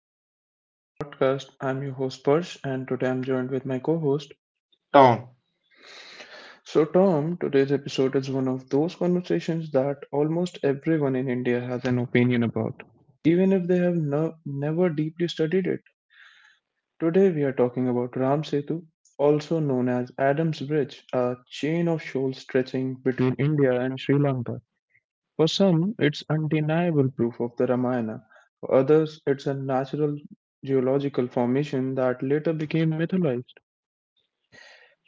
back everyone to my podcast. I'm your host Parsh, and today I'm joined with my co-host. Tom, So Tom, today's episode is one of those conversations that almost everyone in India has an opinion about, even if they have never deeply studied it. Today we are talking about Ram Setu, also known as Adam's Bridge, a chain of shoals stretching between India and Sri Lanka. For some, it's undeniable proof of the Ramayana. For others, it's a natural geological formation that later became mythologized.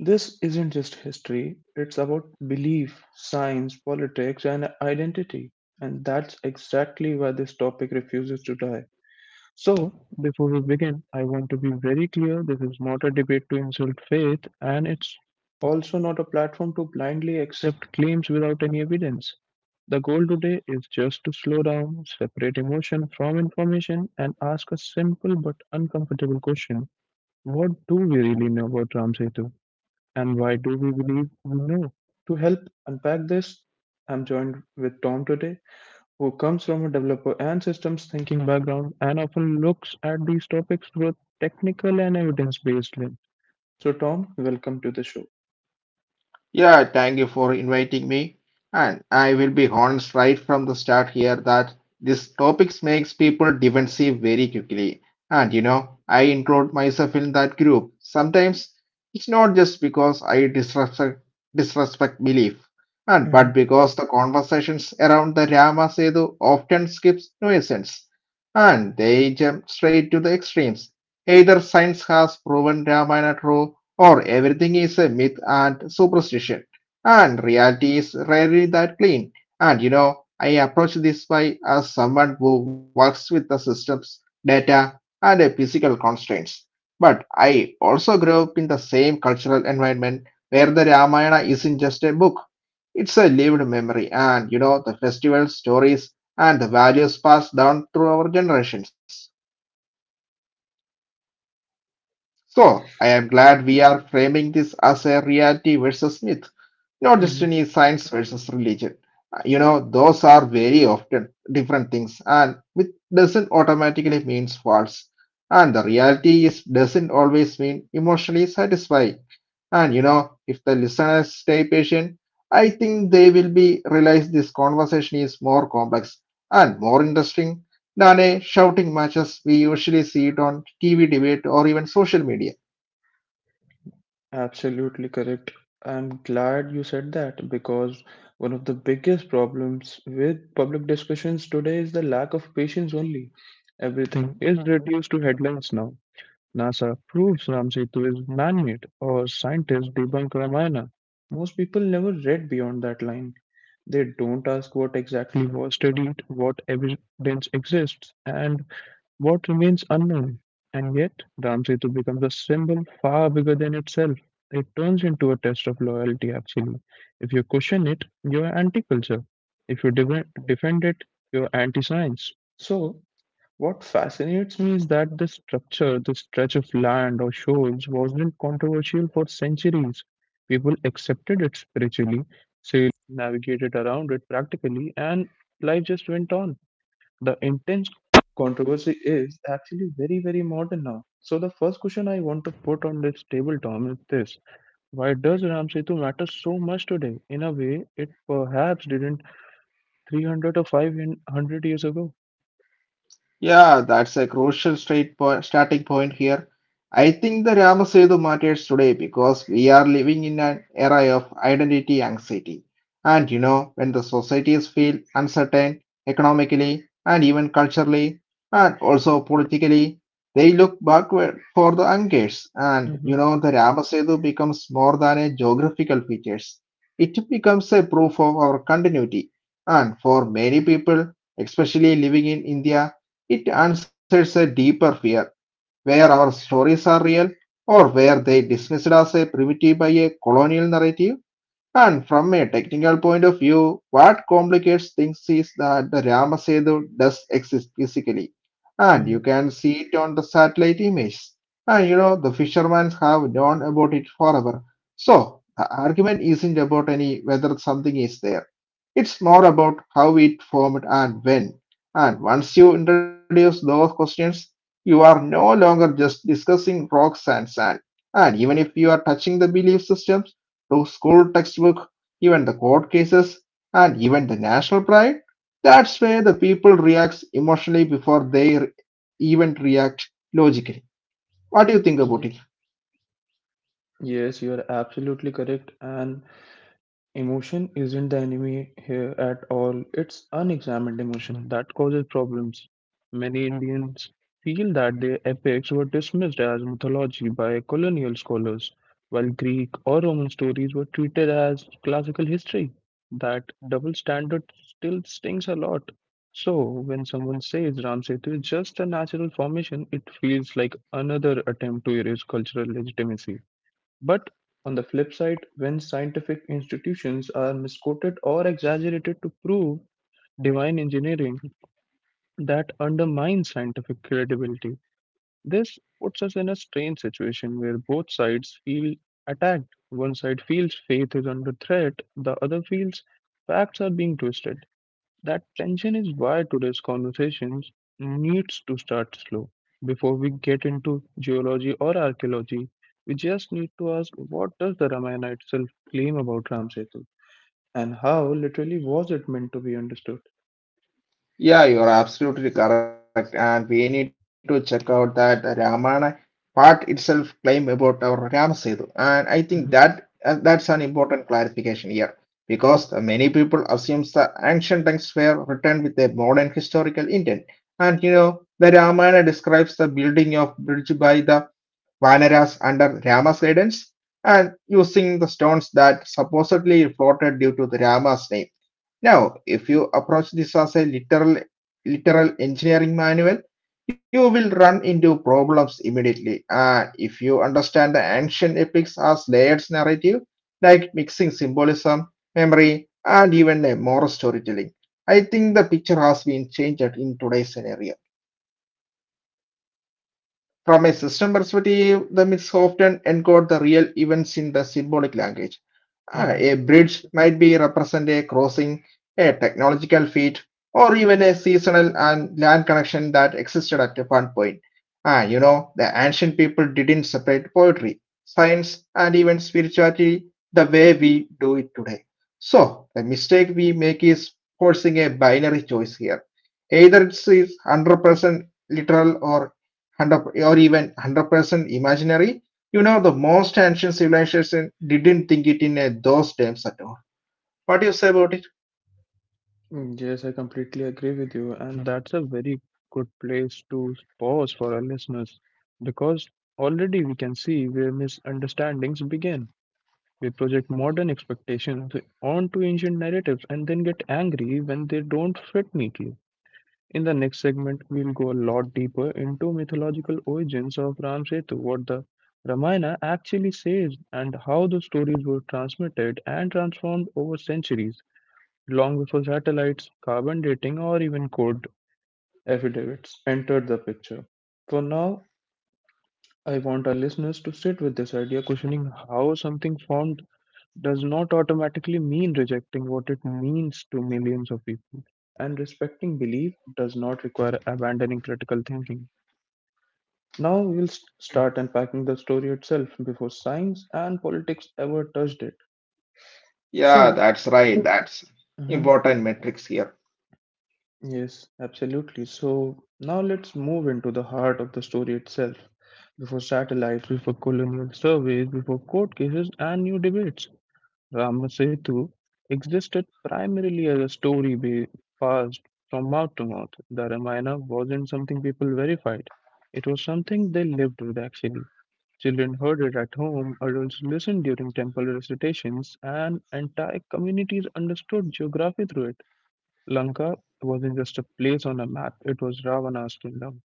This isn't just history, it's about belief, science, politics, and identity. And that's exactly why this topic refuses to die. So, before we begin, I want to be very clear, this is not a debate to insult faith, and it's also not a platform to blindly accept claims without any evidence. The goal today is just to slow down, separate emotion from information, and ask a simple but uncomfortable question: what do we really know about Ram Setu? And why do we believe we know? To help unpack this, I'm joined with Tom today, who comes from a developer and systems thinking background and often looks at these topics through a technical and evidence based lens. So, Tom, welcome to the show. yeah, thank you for inviting me. And I will be honest right from the start here that this topics makes people defensive very quickly. And I include myself in that group. Sometimes it's not just because I disrespect belief, and Mhm. but because the conversations around the Rama Sedu often skips nuisance, and they jump straight to the extremes. Either science has proven Ramayana true or everything is a myth and superstition, and reality is rarely that clean. And I approach this by as someone who works with the systems, data, and physical constraints. But I also grew up in the same cultural environment where the Ramayana isn't just a book. It's a lived memory, and the festival stories and the values passed down through our generations. So, I am glad we are framing this as a reality versus myth, not just Mhm. any science versus religion. Those are very often different things, and it doesn't automatically means false. And the reality is doesn't always mean emotionally satisfying. And if the listeners stay patient, I think they will be realize this conversation is more complex and more interesting than a shouting matches we usually see it on TV debate or even social media. Absolutely correct. I'm glad you said that because one of the biggest problems with public discussions today is the lack of patience only. Everything is reduced to headlines now. NASA proves Ram Setu is man-made, or scientists debunk Ramayana. Most people never read beyond that line. They don't ask what exactly was studied, what evidence exists, and what remains unknown? And yet, Ram Setu becomes a symbol far bigger than itself. It turns into a test of loyalty, actually. If you question it, you are anti culture. If you defend it, you are anti science. So, what fascinates me is that this structure, this stretch of land or shores, wasn't controversial for centuries. People accepted it spiritually, sailed navigated around it practically, and life just went on. The intense controversy is actually very, very modern now. So the first question I want to put on this table, Tom, is this: why does Ram Setu matter so much today in a way it perhaps didn't 300 or 500 years ago? Yeah, that's a starting point here. I think the Ramasetu matters today because we are living in an era of identity anxiety. And when the societies feel uncertain economically and even culturally and also politically, they look backward for the anchors. And Mm-hmm. The Ramasetu becomes more than a geographical features. It becomes a proof of our continuity. And for many people, especially living in India, it answers a deeper fear, where our stories are real, or where they dismissed as a primitive by a colonial narrative? And from a technical point of view, what complicates things is that the Ramasedu does exist physically, and Mm-hmm. you can see it on the satellite images. And the fishermen have known about it forever. So, the argument isn't about any whether something is there. It's more about how it formed and when. And once you introduce those questions, you are no longer just discussing rocks and sand. And even if you are touching the belief systems, the school textbook, even the court cases, and even the national pride, that's where the people react emotionally before they even react logically. What do you think about it? Ye- yes, you are absolutely correct, and emotion isn't the enemy here at all. It's unexamined emotion that causes problems. Many Indians feel that their epics were dismissed as mythology by colonial scholars, while Greek or Roman stories were treated as classical history. That double standard still stings a lot. So, when someone says Ram Setu is just a natural formation, it feels like another attempt to erase cultural legitimacy. But on the flip side, when scientific institutions are misquoted or exaggerated to prove divine engineering, that undermines scientific credibility. This puts us in a strange situation where both sides feel attacked. One side feels faith is under threat, the other feels facts are being twisted. That tension is why today's conversations needs to start slow. Before we get into geology or archaeology, we just need to ask, what does the Ramayana itself claim about Ram Setu, and how literally was it meant to be understood? Yeah, you're absolutely correct. And we need to check out that Ramana part itself claim about our Ramasetu. And I think that Mhm. that's an important clarification here because many people assume the ancient texts were written with a modern historical intent. And the Ramana describes the building of bridge by the Vanaras under Rama's guidance and using the stones that supposedly floated due to the Rama's name. Now, if you approach this as a literal engineering manual, you will run into problems immediately. And if you understand the ancient epics as layered narrative, like mixing symbolism, memory, and even a moral storytelling, I think the picture has been changed in today's scenario. From a system perspective, the myths often encode the real events in the symbolic language. Mhm. A bridge might be represent a crossing, a technological feat, or even a seasonal and land connection that existed at one point. The ancient people didn't separate poetry, science, and even spirituality the way we do it today. So, the mistake we make is forcing a binary choice here. Either it's 100% literal or 100 or even 100% imaginary. You know, the most ancient civilization didn't think it in those terms at all. What do you say about it? Mm, yes, I completely agree with you, and that's a very good place to pause for our listeners because already we can see where misunderstandings begin. We project modern expectations onto ancient narratives and then get angry when they don't fit neatly. In the next segment, we'll go a lot deeper into mythological origins of Ram Setu, what the Ramayana actually says, and how the stories were transmitted and transformed over centuries, long before satellites, carbon dating, or even code affidavits entered the picture. For now, I want our listeners to sit with this idea: questioning how something formed does not automatically mean rejecting what it means to millions of people. And respecting belief does not require abandoning critical thinking. Now we'll start unpacking the story itself before science and politics ever touched it. Yeah, So, that's right. That's mhm, important metrics here. yes, absolutely. So, now let's move into the heart of the story itself. Before satellites, before colonial surveys, before court cases, and new debates. Ramasetu existed primarily as a story be passed from mouth to mouth. The Ramayana wasn't something people verified, it was something they lived with actually. Children heard it at home, adults listened during temple recitations, and entire communities understood geography through it. Lanka wasn't just a place on a map, it was Ravana's kingdom.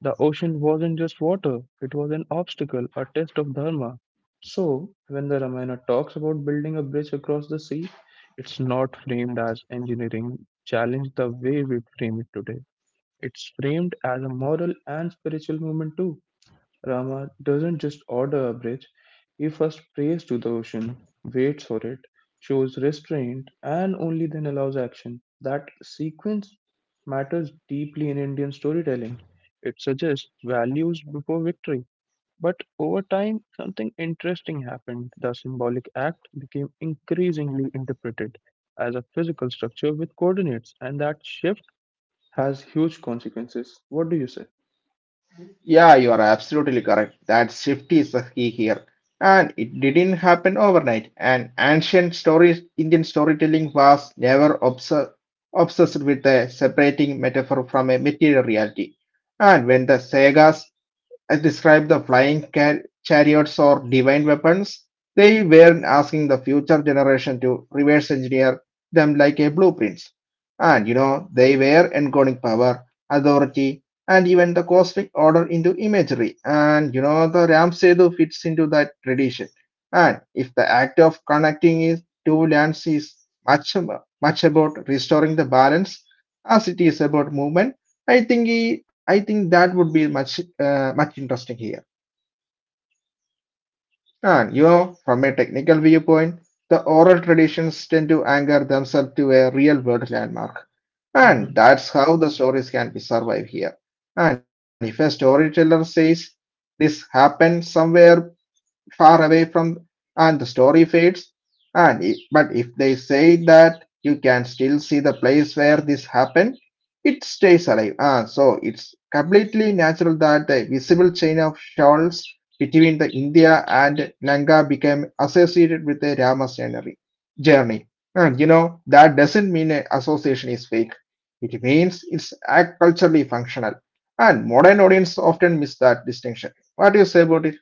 The ocean wasn't just water, it was an obstacle, a test of dharma. So, when the Ramayana talks about building a bridge across the sea, it's not framed as engineering challenge the way we frame it today. It's framed as a moral and spiritual movement too. Rama doesn't just order a bridge, he first prays to the ocean, waits for it, shows restraint, and only then allows action. That sequence matters deeply in Indian storytelling. It suggests values before victory. But over time, something interesting happened. The symbolic act became increasingly interpreted as a physical structure with coordinates, and that shift has huge consequences. What do you say? Yeah, you are absolutely correct. That shift is the key here. And it didn't happen overnight. And ancient stories, Indian storytelling was never obsessed with separating metaphor from a material reality. And when the sagas describe the chariots or divine weapons, they were asking the future generation to reverse engineer them like a blueprints. And they were encoding power, authority, and even the cosmic order into imagery. And the Ram Setu fits into that tradition. And if the act of connecting is two lands is much much about restoring the balance as it is about movement, I think that would be much much interesting here. And from a technical viewpoint, the oral traditions tend to anchor themselves to a real world landmark, and that's how the stories can be survived here. And if a storyteller says this happened somewhere far away from and the story fades and but if they say that you can still see the place where this happened, it stays alive. So it's completely natural that the visible chain of shawls between the India and Lanka became associated with the Rama's journey. And that doesn't mean an association is fake. It means culturally functional, and modern audience often miss that distinction. What do you say about it?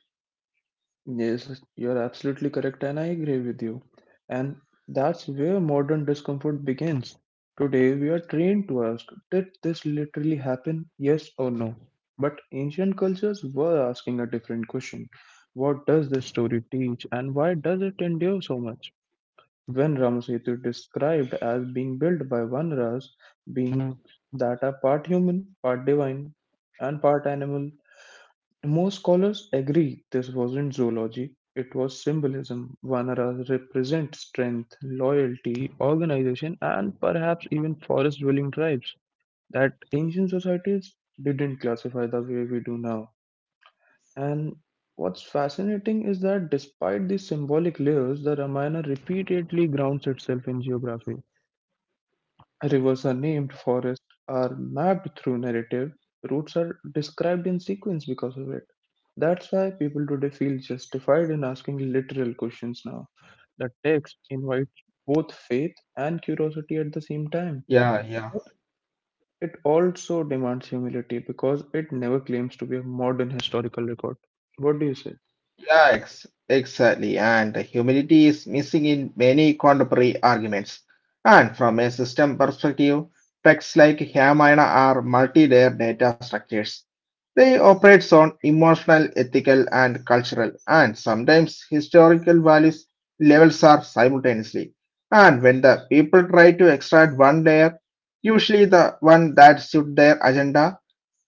Yes, you're absolutely correct, and I agree with you. And that's where modern discomfort begins. Today, we are trained to ask, did this literally happen? Yes or no? But ancient cultures were asking a different question: what does this story teach, and why does it endure so much? When Ramasetu is described as being built by Vanaras, being that are part human, part divine, and part animal, most scholars agree this wasn't zoology, it was symbolism. Vanaras represent strength, loyalty, organization, and perhaps even forest dwelling tribes that ancient societies didn't classify the way we do now. And what's fascinating is that despite these symbolic layers, the Ramayana repeatedly grounds itself in geography. Rivers are named, forests are mapped through narrative, routes are described in sequence because of it. That's why people today feel justified in asking literal questions now. The text invites both faith and curiosity at the same time. Yeah, yeah. But it also demands humility because it never claims to be a modern historical record. What do you say? Exactly. And humility is missing in many contemporary arguments. And from a system perspective, texts like Ramayana are multi-layer data structures. They operate on emotional, ethical, and cultural, and sometimes historical values levels are simultaneously. And when the people try to extract one layer, usually the one that suits their agenda,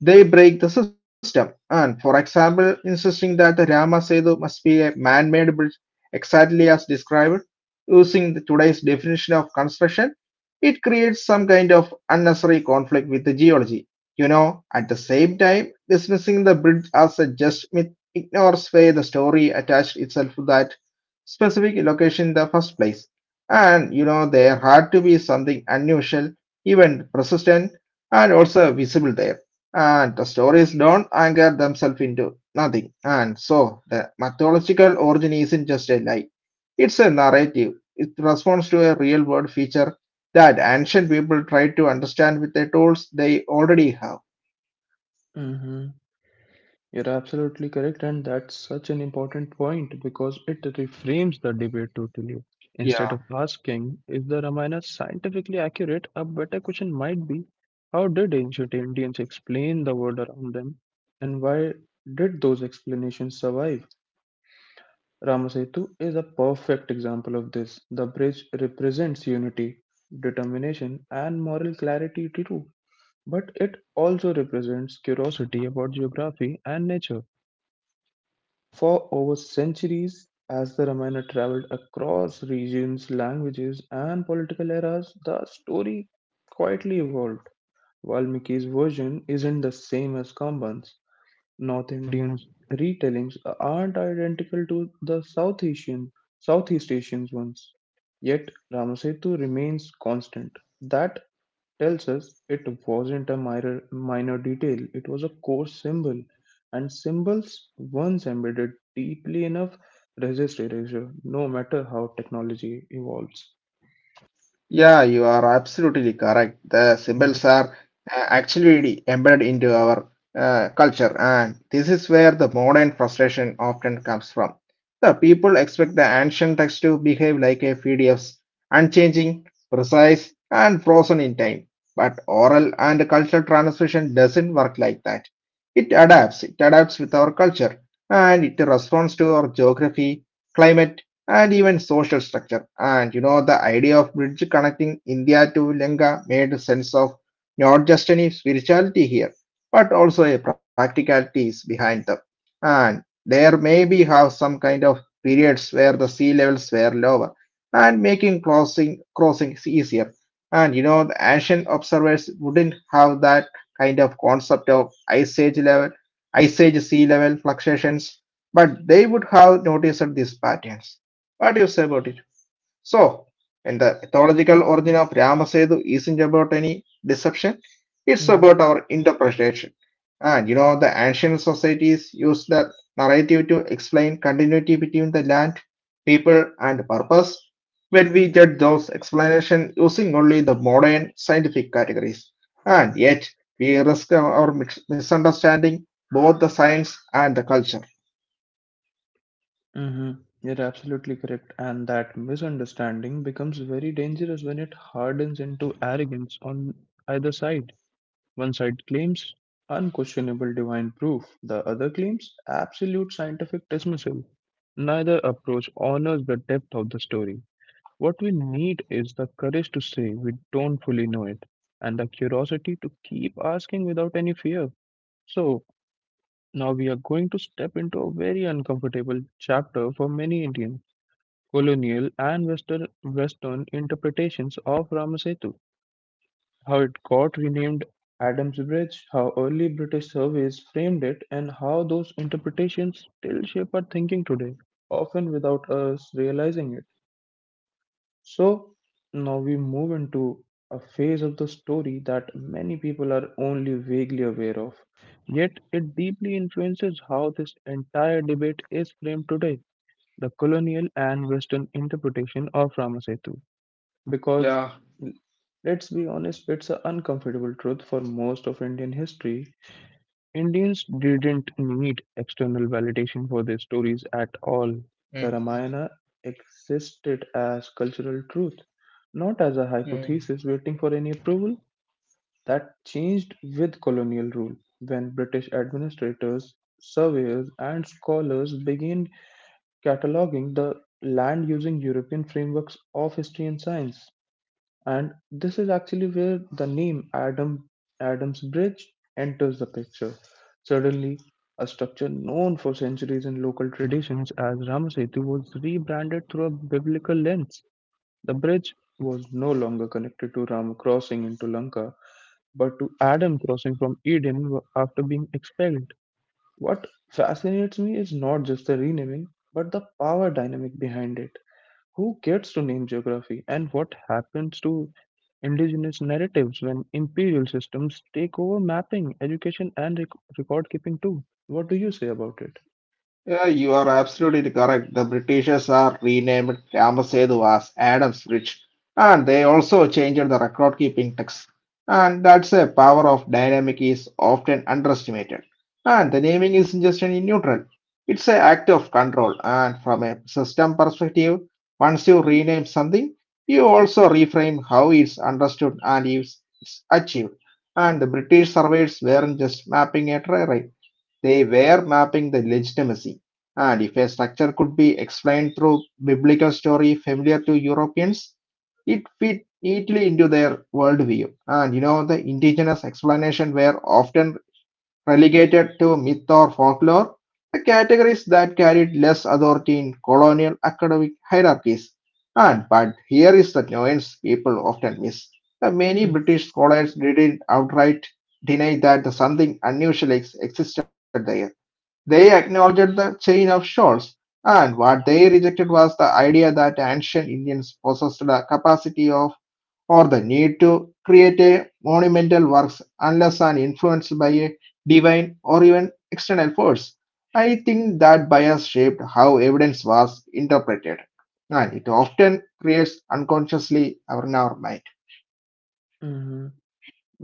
they break the system, and, for example, insisting that the Rama Setu must be a man-made bridge exactly as described, using the today's definition of construction, it creates some kind of unnecessary conflict with the geology. You know, at the same time, dismissing the bridge as a just myth ignores where the story attached itself to that specific location in the first place. And, you know, there had to be something unusual, even persistent, and also visible there. And the stories don't anchor themselves into nothing. And so the mythological origin isn't just a lie. It's a narrative. It responds to a real world feature that ancient people tried to understand with the tools they already have. hmm You're absolutely correct, and that's such an important point because it reframes the debate totally. Instead Yeah. of asking, is the Ramayana scientifically accurate, a better question might be, how did ancient Indians explain the world around them, and why did those explanations survive? Ramasetu is a perfect example of this. The bridge represents unity, determination, and moral clarity too, but it also represents curiosity about geography and nature. For over centuries, as the Ramayana traveled across regions, languages, and political eras, the story quietly evolved. Valmiki's version isn't the same as Kamban's. North Indian retellings aren't identical to the South Asian, Southeast Asian ones. Yet Ramasetu remains constant. That tells us it wasn't a minor, minor detail, it was a core symbol. And symbols, once embedded deeply enough, resist erasure, no matter how technology evolves. Yeah, you are absolutely correct. The Mhm. symbols are actually embedded into our culture, and this is where the modern frustration often comes from. The people expect the ancient text to behave like a PDFs, unchanging, precise, and frozen in time. But oral and cultural transmission doesn't work like that. It adapts. It adapts with our culture, and it responds to our geography, climate, and even social structure. And the idea of bridge connecting India to Lanka made sense of not just any spirituality here, but also a practicalities behind them. And there maybe have some kind of periods where the sea levels were lower and making crossings easier. And the ancient observers wouldn't have that kind of concept of ice age level, ice age sea level fluctuations, but they would have noticed these patterns. What do you say about it? So, when the mythological origin of Ramasetu isn't about any deception, it's Mhm. about our interpretation. And the ancient societies used that narrative to explain continuity between the land, people, and purpose. When we judge those explanations using only the modern scientific categories, and yet we risk our misunderstanding both the science and the culture. Mm-hmm. You're absolutely correct. And that misunderstanding becomes very dangerous when it hardens into arrogance on either side. One side claims unquestionable divine proof, the other claims absolute scientific dismissal. Neither approach honors the depth of the story. What we need is the courage to say we don't fully know it, and the curiosity to keep asking without any fear. So, now we are going to step into a very uncomfortable chapter for many Indians: colonial and Western interpretations of Ramasetu, how it got renamed Adam's Bridge, how early British surveys framed it, and how those interpretations still shape our thinking today, often without us realizing it. So, now we move into a phase of the story that many people are only vaguely aware of, yet it deeply influences how this entire debate is framed today: the colonial and Western interpretation of Ramasetu. Because, Yeah. let's be honest, it's an uncomfortable truth. For most of Indian history, Indians didn't need external validation for their stories at all. The Mhm. Ramayana existed as cultural truth, not as a hypothesis waiting for any approval. That changed with colonial rule when British administrators, surveyors, and scholars began cataloging the land using European frameworks of history and science. And this is actually where the name Adams Bridge enters the picture. Suddenly, a structure known for centuries in local traditions as Ramasetu was rebranded through a biblical lens. The bridge was no longer connected to Ram crossing into Lanka, but to Adam crossing from Eden after being expelled. What fascinates me is not just the renaming, but the power dynamic behind it. Who gets to name geography, and what happens to Indigenous narratives when imperial systems take over mapping, education, and record keeping too? What do you say about it? Yeah, you are absolutely correct. The Britishers are renamed Ramasetu as Adam's Bridge, and they also changed the record keeping text. And that's a power of dynamic is often underestimated. And the naming is just in neutral. It's an act of control. And from a system perspective, once you rename something, you also reframe how it's understood and is it's achieved. And the British surveys weren't just mapping a terrain. They were mapping the legitimacy, and if a structure could be explained through biblical story familiar to Europeans, it fit neatly into their worldview. And the indigenous explanation were often relegated to myth or folklore, the categories that carried less authority in colonial academic hierarchies. And but here is the nuance people often miss. The many British scholars didn't outright deny that something unusual existed there. They acknowledged the chain of shores, and what they rejected was the idea that ancient Indians possessed the capacity of or the need to create a monumental works unless and influenced by a divine or even external force. I think that bias shaped how evidence was interpreted, and it often creates unconsciously in our mind. Mm-hmm.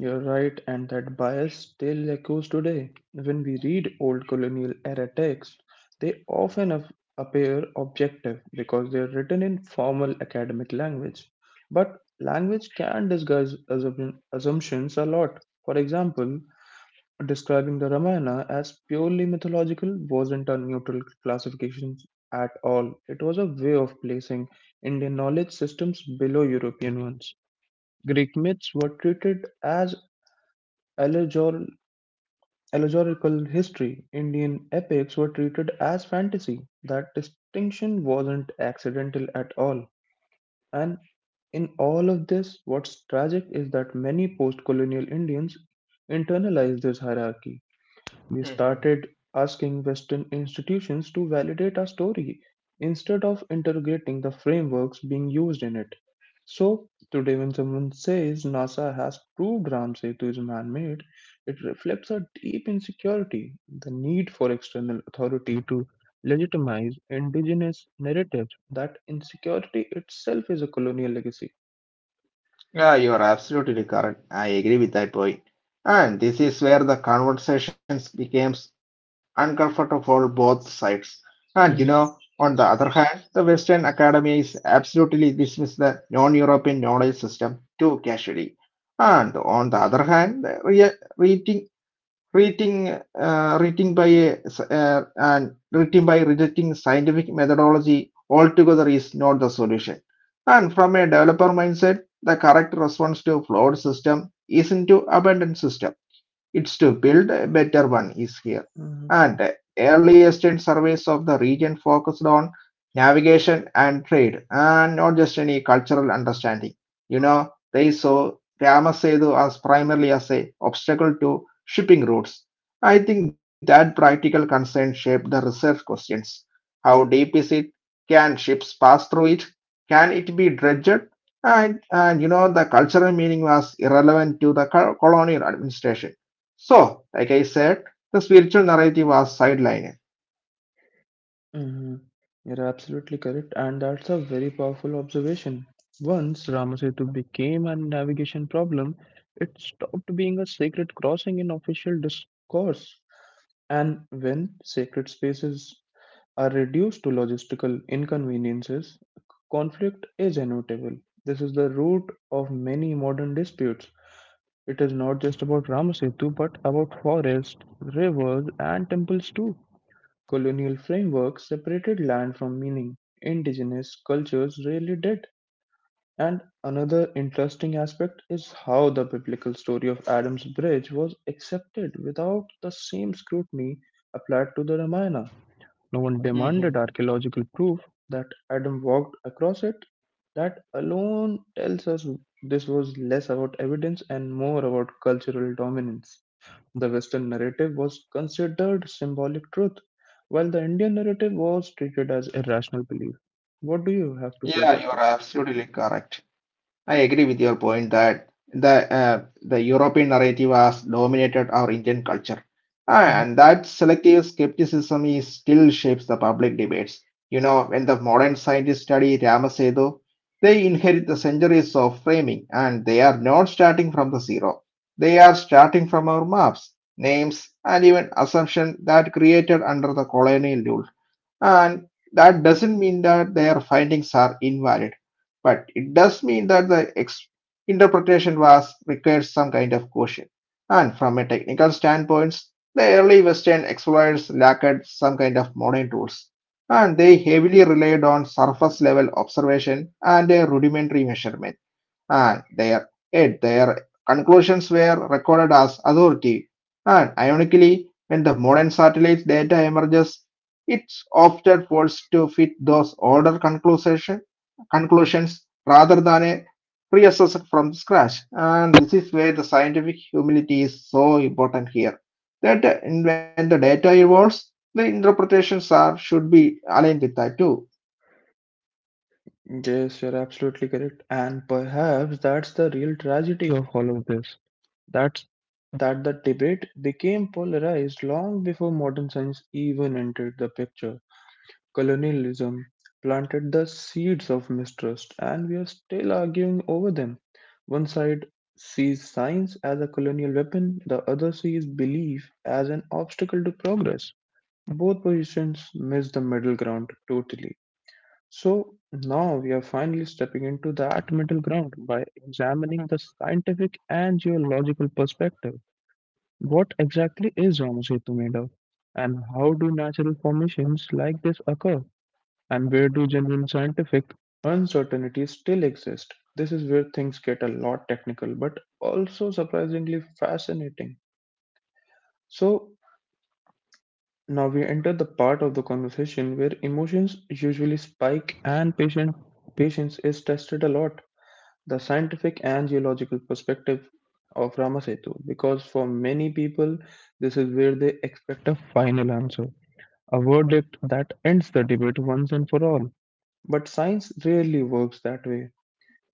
You're right, and that bias still echoes today. When we read old colonial era texts, they often appear objective because they're written in formal academic language. But language can disguise assumptions a lot. For example, describing the Ramayana as purely mythological wasn't a neutral classification at all. It was a way of placing Indian knowledge systems below European ones. Greek myths were treated as allegor- allegorical history, Indian epics were treated as fantasy. That distinction wasn't accidental at all. And in all of this, what's tragic is that many post colonial Indians internalized this hierarchy. We started asking Western institutions to validate our story instead of interrogating the frameworks being used in it. So, today, when someone says NASA has proved Ram Setu is man made, it reflects a deep insecurity, the need for external authority to legitimize indigenous narratives. That insecurity itself is a colonial legacy. Yeah, you are absolutely correct. I agree with that point. And this is where the conversations becomes uncomfortable for both sides. And Mhm. on the other hand, the Western Academy is absolutely dismiss the non-European knowledge system too casually. And on the other hand, the re- Rating rating by a s- and rating by rejecting scientific methodology altogether is not the solution. And from a developer mindset, the correct response to flawed system isn't to abandon system, it's to build a better one is here. Mhm. And early extent surveys of the region focused on navigation and trade and not just any cultural understanding. You know, they saw Ramasedu as primarily as a obstacle to shipping routes. I think that practical concern shaped the research questions. How deep is it? Can ships pass through it? Can it be dredged? And you know, the cultural meaning was irrelevant to the colonial administration, so, like I said, the spiritual narrative was sidelined. Hmm. You're absolutely correct, and that's a very powerful observation. Once Ramasetu became a navigation problem, it stopped being a sacred crossing in official discourse. And when sacred spaces are reduced to logistical inconveniences, conflict is inevitable. This is the root of many modern disputes. It is not just about Ramasetu, but about forests, rivers, and temples too. Colonial frameworks separated land from meaning; indigenous cultures really did. And another interesting aspect is how the biblical story of Adam's bridge was accepted without the same scrutiny applied to the Ramayana. No one demanded Hmm. archaeological proof that Adam walked across it. That alone tells us this was less about evidence and more about cultural dominance. The Western narrative was considered symbolic truth, while the Indian narrative was treated as irrational belief. What do you have to say Yeah, about you are it? absolutely correct. I agree with your point that the European narrative has dominated our Indian culture, and that selective skepticism is still shapes the public debates. You know, when the modern scientists study Ramasetu, they inherit the centuries of framing, and they are not starting from the zero. They are starting from our maps, names, and even assumption that created under the colonial rule. And that doesn't mean that their findings are invalid, but it does mean that interpretation was requires some kind of caution. And from a technical standpoint, the early Western explorers lacked some kind of modern tools, and they heavily relied on surface level observation and a rudimentary measurement and their conclusions were recorded as authority. And ironically, when the modern satellite data emerges, it's often forced to fit those conclusions rather than a reassess from scratch. And this is where the scientific humility is so important here. That When the data evolves, the interpretations are should be aligned with that too. Yes, you're absolutely correct. And perhaps that's the real tragedy of all of this. That's that the debate became polarized long before modern science even entered the picture. Colonialism planted the seeds of mistrust, and we are still arguing over them. One side sees science as a colonial weapon, the other sees belief as an obstacle to progress. Both positions miss the middle ground totally. So now we are finally stepping into that middle ground by examining the scientific and geological perspective. What exactly is Homo Setu made of, and how do natural formations like this occur? And where do genuine scientific uncertainties still exist? This is where things get a lot technical but also surprisingly fascinating. So, now we enter the part of the conversation where emotions usually spike and patience is tested a lot. The scientific and geological perspective of Ramasetu, because for many people, this is where they expect a final answer, a verdict that ends the debate once and for all. But science rarely works that way.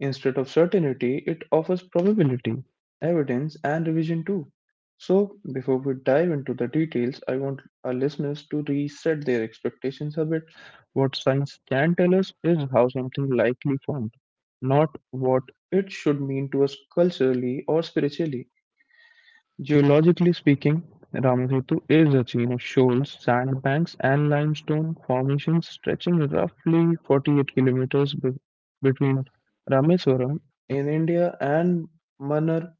Instead of certainty, it offers probability, evidence, and revision too. So, before we dive into the details, I want our listeners to reset their expectations a bit. What science can tell us is how something likely formed, not what it should mean to us culturally or spiritually. Geologically speaking, Ramsetu is a chain of shoals, sandbanks, and limestone formations stretching roughly 48 kilometers between Rameswaram in India and Mannar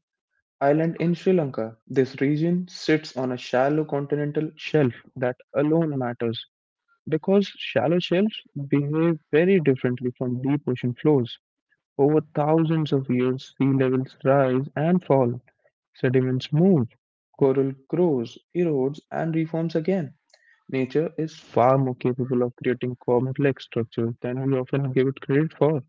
Island in Sri Lanka. This region sits on a shallow continental shelf, that alone matters because shallow shelves behave very differently from deep ocean floors. Over thousands of years, sea levels rise and fall, sediments move, coral grows, erodes, and reforms again. Nature is far more capable of creating complex structures than we often give it credit for.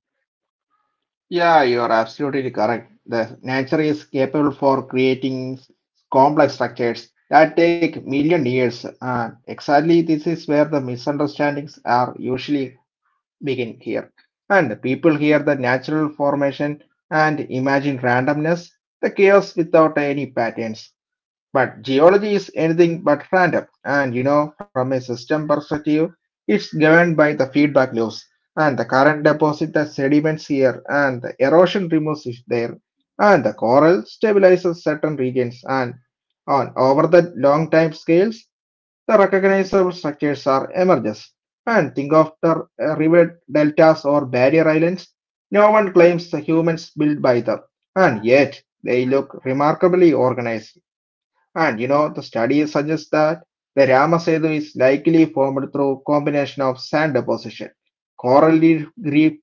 Yeah, you're absolutely correct. The nature is capable for creating complex structures that take million years. And exactly this is where the misunderstandings are usually begin here. And people hear the natural formation and imagine randomness, the chaos without any patterns. But geology is anything but random, and you know, from a system perspective, it's governed by the feedback loops and the current deposit the sediments here, and the erosion removes it there, and the coral stabilizes certain regions. And on over the long time scales, the recognizable structures are emerges. And think of the river deltas or barrier islands. No one claims the humans built by them, and yet they look remarkably organized, and you know, the study suggests that the Ramasetu is likely formed through combination of sand deposition, coral reef, reef-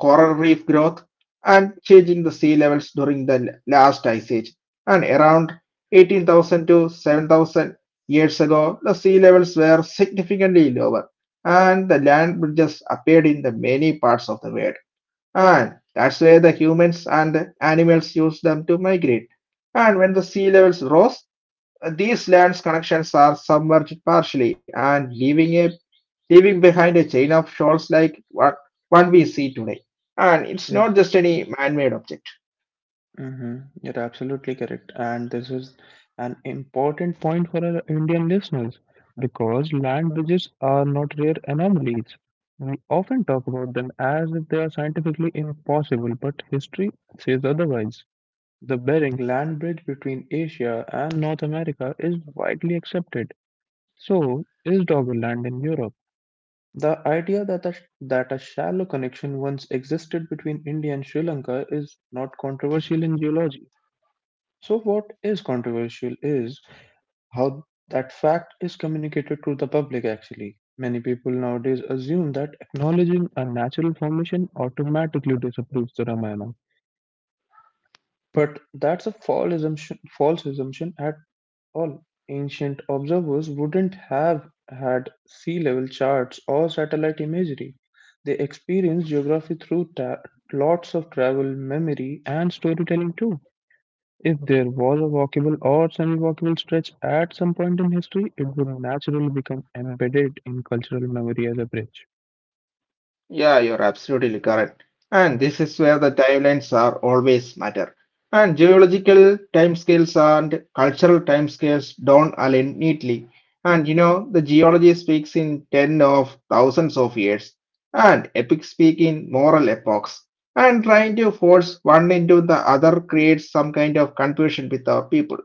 coral reef growth, and change in the sea levels during the last ice age. And around 18,000 to 7,000 years ago, the sea levels were significantly lower, and the land bridges appeared in the many parts of the world. And that's where the humans and animals used them to migrate. And when the sea levels rose, these lands connections are submerged partially and leaving behind a chain of shoals like what one we see today. And it's not just any man-made object. Mm-hmm. You're absolutely correct. And this is an important point for our Indian listeners because land bridges are not rare anomalies. We often talk about them as if they are scientifically impossible, but history says otherwise. The Bering land bridge between Asia and North America is widely accepted. So is Doggerland in Europe. The idea that a shallow connection once existed between India and Sri Lanka is not controversial in geology. So what is controversial is how that fact is communicated to the public actually. Many people nowadays assume that acknowledging a natural formation automatically disapproves the Ramayana. But that's a false assumption at all. Ancient observers wouldn't have had sea level charts or satellite imagery. They experienced geography through lots of travel, memory, and storytelling too. If there was a walkable or semi walkable stretch at some point in history, it would naturally become embedded in cultural memory as a bridge. Yeah, you're absolutely correct. And this is where the timelines are always matter. And geological timescales and cultural timescales don't align neatly. And you know, the geology speaks in ten of thousands of years, and epics speak in moral epochs. And trying to force one into the other creates some kind of confusion with our people.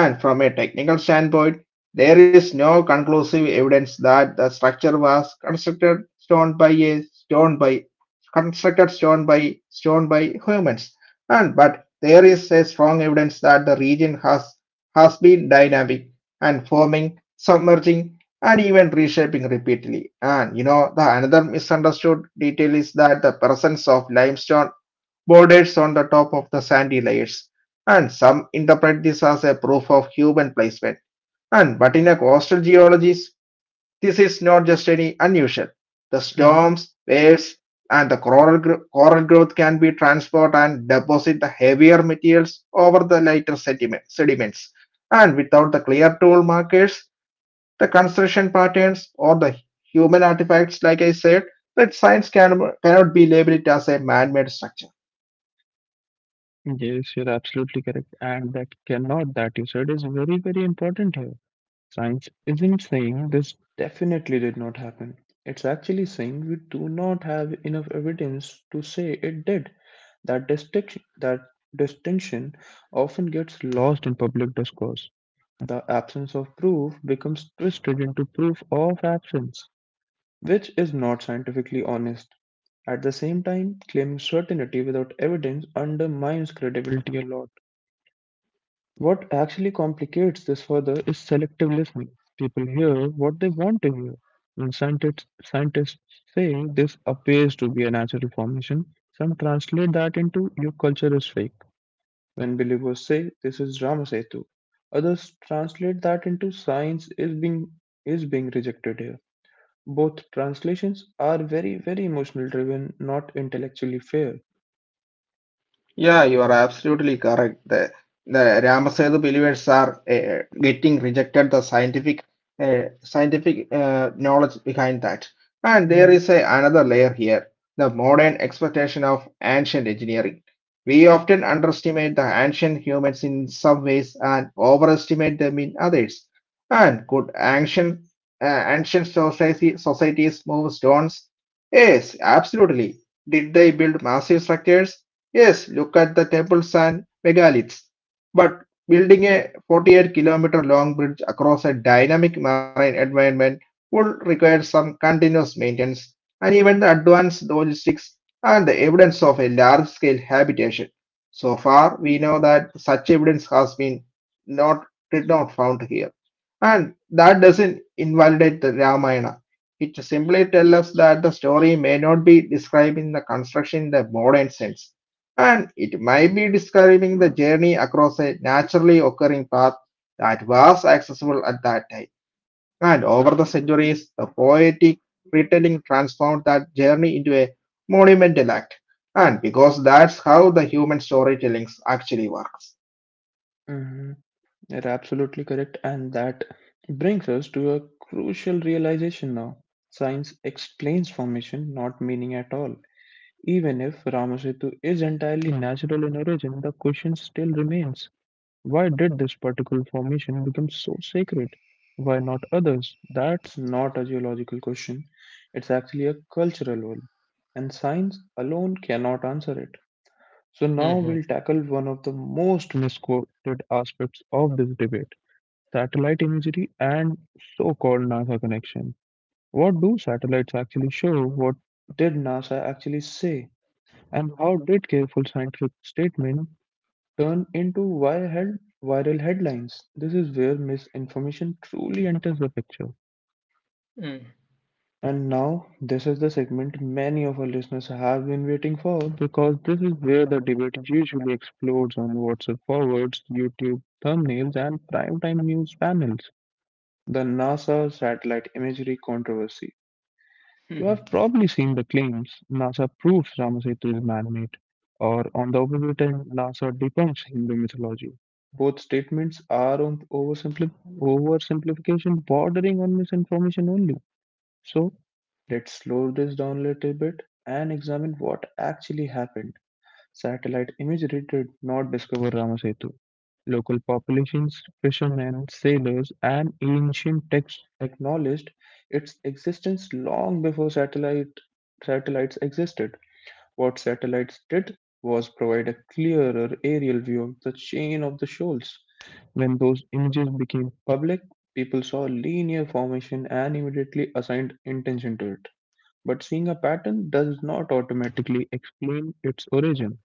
And from a technical standpoint, there is no conclusive evidence that the structure was constructed stone by stone by humans. And but there is a strong evidence that the region has been dynamic and forming, submerging, and even reshaping repeatedly. And you know the another misunderstood detail is that the presence of limestone borders on the top of the sandy layers, and some interpret this as a proof of human placement. And but in a coastal geologist, this is not just any unusual. The Mhm. storms, waves, and coral growth can be transport and deposit the heavier materials over the lighter sediments. And without the clear tool markers, the construction patterns or the human artifacts, like I said, that cannot be labeled as a man-made structure. Yes, you're absolutely correct. And that cannot that you said is very, very important here. Science isn't saying this definitely did not happen. It's actually saying we do not have enough evidence to say it did. That distinction often gets lost in public discourse. The absence of proof becomes twisted into proof of absence, which is not scientifically honest. At the same time, claiming certainty without evidence undermines credibility a lot. What actually complicates this further is selective listening. People hear what they want to hear. When scientists say this appears to be a natural formation, some translate that into your culture is fake. When believers say this is Ramasetu, others translate that into science is being rejected here. Both translations are very, very emotional driven, not intellectually fair. Yeah, you are absolutely correct. The Ramasetu believers are getting rejected the scientific knowledge behind that. And there Hmm. is another layer here, the modern expectation of ancient engineering. We often underestimate the ancient humans in some ways and overestimate them in others. And could societies move stones? Yes, absolutely. Did they build massive structures? Yes, look at the temples and megaliths. But building a 48-kilometer kilometer long bridge across a dynamic marine environment would require some continuous maintenance and even the advanced logistics and the evidence of a large-scale habitation. So far, we know that such evidence has been not did not found here. And that doesn't invalidate the Ramayana. It simply tells us that the story may not be describing the construction in the modern sense, and it might be describing the journey across a naturally occurring path that was accessible at that time. And over the centuries, the poetic retelling transformed that journey into a monumental act. And because that's how the human storytelling actually works. Mhm. You're absolutely correct, and that brings us to a crucial realization now. Science explains formation, not meaning at all. Even if Ramasetu is entirely natural in origin, the question still remains, why did this particular formation become so sacred? Why not others? That's not a geological question, it's actually a cultural one, and science alone cannot answer it. So now we'll tackle one of the most misquoted aspects of this debate, satellite imagery and so-called NASA connection. What do satellites actually show? What did NASA actually say? And how did careful scientific statement turn into viral headlines? This is where misinformation truly enters the picture. And now, this is the segment many of our listeners have been waiting for because this is where the debate usually explodes on WhatsApp forwards, YouTube thumbnails, and primetime news panels. The NASA satellite imagery controversy. You have probably seen the claims NASA proves Ramasetu is man made, or on the opposite end, NASA debunks Hindu mythology. Both statements are on oversimplification bordering on misinformation only. So, let's slow this down a little bit and examine what actually happened. Satellite imagery did not discover Ramasetu. Local populations, fishermen, sailors, and ancient texts acknowledged its existence long before satellites existed. What satellites did was provide a clearer aerial view of the chain of the shoals. When those images became public, people saw linear formation and immediately assigned intention to it. But seeing a pattern does not automatically explain its origin.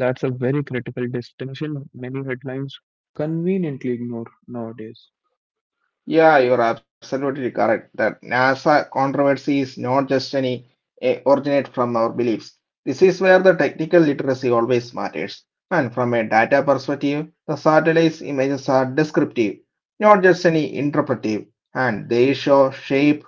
That's a very critical distinction many headlines conveniently ignore nowadays. Yeah, you're absolutely correct that NASA controversy is not just any originate from our beliefs. This is where the technical literacy always matters. And from a data perspective, the satellite's images are descriptive, not just any interpretive, and they show shape,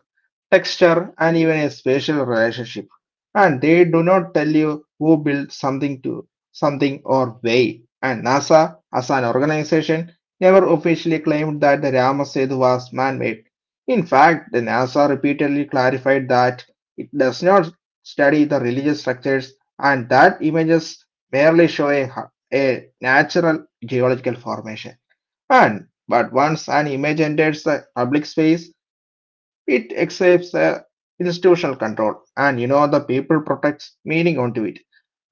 texture, and even a spatial relationship. And they do not tell you who built something to something or why. And NASA, as an organization, never officially claimed that the Rama was man-made. In fact, the NASA repeatedly clarified that it does not study the religious structures and that images merely show a natural geological formation. And but once an image enters the public space, it accepts a institutional control, and you know the people protects meaning onto it,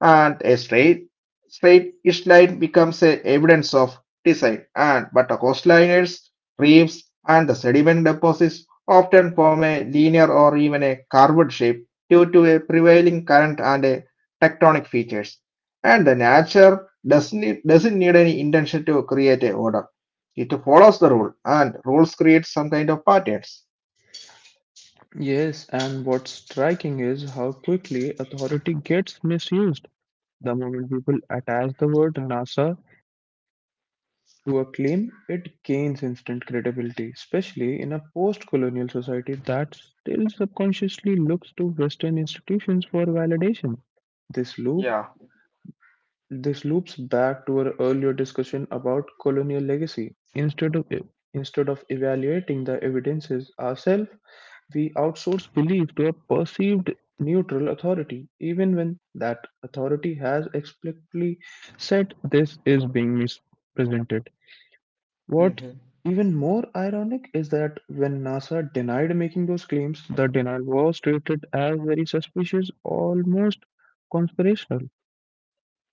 and a straight east line becomes a evidence of design, and but the coastliners, reefs and the sediment deposits often form a linear or even a curved shape due to a prevailing current and a tectonic features, and the nature doesn't need any intention to create a order, it follows the rule and rules create some kind of patterns. Yes, and what's striking is how quickly authority gets misused. The moment people attach the word NASA to a claim, it gains instant credibility, especially in a post colonial society that still subconsciously looks to Western institutions for validation. This loop Yeah. This loops back to our earlier discussion about colonial legacy. Instead of evaluating the evidences ourselves, we outsource belief to a perceived neutral authority, even when that authority has explicitly said this is being misrepresented. What's even more ironic is that when NASA denied making those claims, the denial was treated as very suspicious, almost conspirational.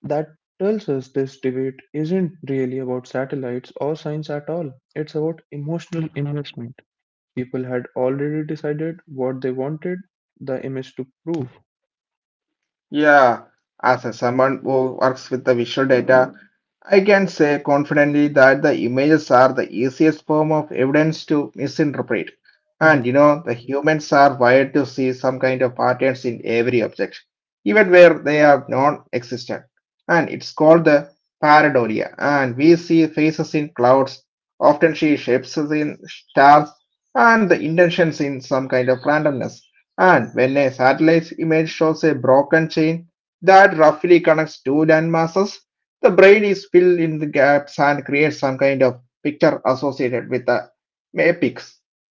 That tells us this debate isn't really about satellites or science at all. It's about emotional investment. People had already decided what they wanted the image to prove. Yeah, as a, someone who works with the visual data, I can say confidently that the images are the easiest form of evidence to misinterpret. Mhm. And you know, the humans are wired to see some kind of patterns in every object, even where they are non existent. And it's called the pareidolia. And we see faces in clouds, often see shapes in stars, and the intentions in some kind of randomness. And when a satellite image shows a broken chain that roughly connects two land masses, the brain is filled in the gaps and creates some kind of picture associated with the apex.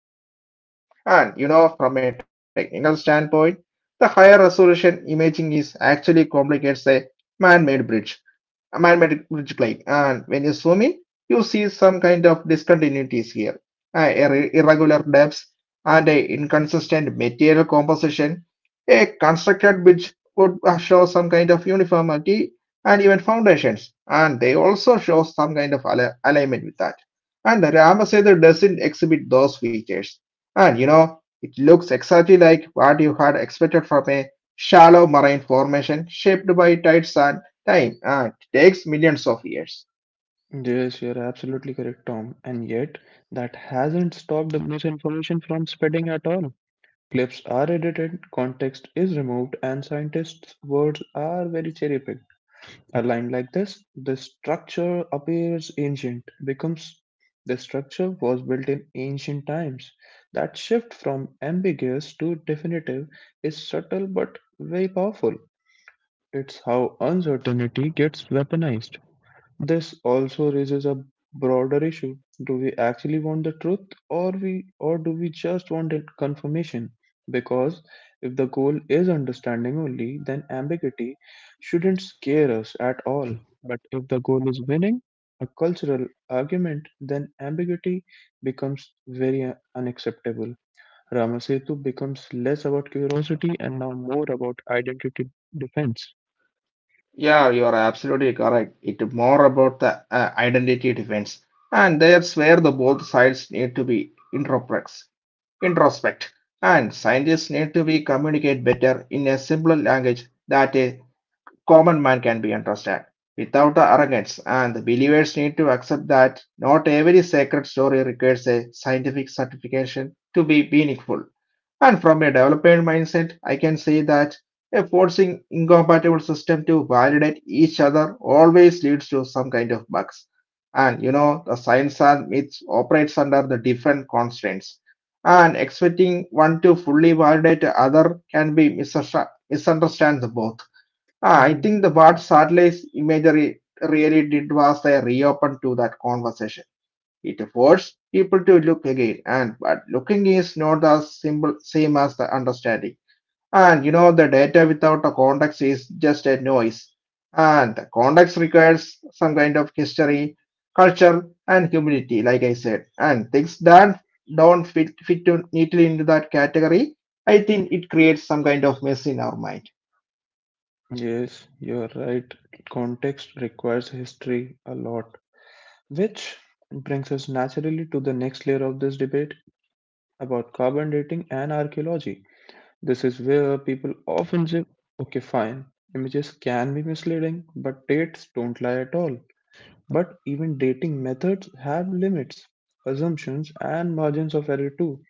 And you know, from a technical standpoint, the higher resolution imaging is actually complicates a man-made bridge, a magnetic bridge plane. And when you zoom in, you see some kind of discontinuities here. Irregular depths and a inconsistent material composition. A constructed bridge would show some kind of uniformity and even foundations, and they also show some kind of alignment with that. And the Ramasetu doesn't exhibit those features. And you know, it looks exactly like what you had expected from a shallow marine formation shaped by tides and time, it takes millions of years. Yes, you're absolutely correct, Tom. And yet, that hasn't stopped the misinformation from spreading at all. Clips are edited, context is removed, and scientists' words are very cherry picked. Aligned like this, the structure appears ancient, becomes the structure was built in ancient times. That shift from ambiguous to definitive is subtle but very powerful. It's how uncertainty gets weaponized. This also raises a broader issue. Do we actually want the truth or do we just want it confirmation? Because if the goal is understanding only, then ambiguity shouldn't scare us at all. But if the goal is winning a cultural argument, then ambiguity becomes very unacceptable. Ramasetu becomes less about curiosity and now more about identity defense. Yeah, you are absolutely correct. It's more about the identity defense. And that's where the both sides need to be introspect. And scientists need to be communicate better in a simpler language that a common man can be understand. Without the arrogance, and the believers need to accept that not every sacred story requires a scientific certification to be meaningful. And from a development mindset, I can say that a forcing incompatible system to validate each other always leads to some kind of bugs. And you know, the science and myths operates under the different constraints. And expecting one to fully validate the other can be misunderstand the both. Ah, I think the what satellite imagery really did was they reopen to that conversation. It forces people to look again, and but looking is not the simple same as the understanding. And you know, the data without a context is just a noise. And the context requires some kind of history, culture, and humility, like I said. And things that don't fit fit to neatly into that category, I think it creates some kind of mess in our mind. Yes, you're right. Context requires history a lot, which brings us naturally to the next layer of this debate about carbon dating and archaeology. This is where people often say, okay, fine, images can be misleading, but dates don't lie at all. But even dating methods have limits, assumptions, and margins of error too.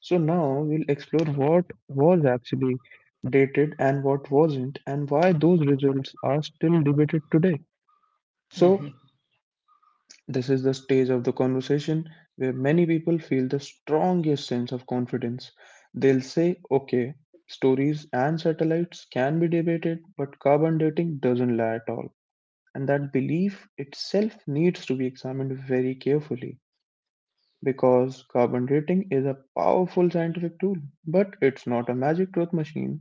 So now we'll explore what was actually dated and what wasn't, and why those results are still debated today. So, this is the stage of the conversation where many people feel the strongest sense of confidence. They'll say, okay, stories and satellites can be debated, but carbon dating doesn't lie at all. And that belief itself needs to be examined very carefully. Because carbon dating is a powerful scientific tool, but it's not a magic truth machine.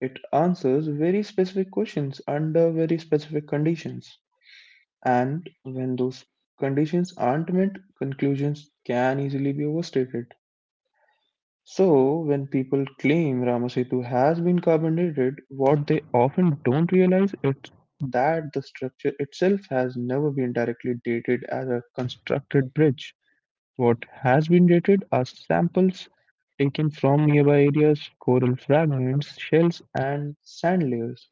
It answers very specific questions under very specific conditions. And when those conditions aren't met, conclusions can easily be overstated. So, when people claim Ramasetu has been carbon dated, what they often don't realize is that the structure itself has never been directly dated as a constructed bridge. What has been dated are samples taken from nearby areas, coral fragments, shells, and sand layers,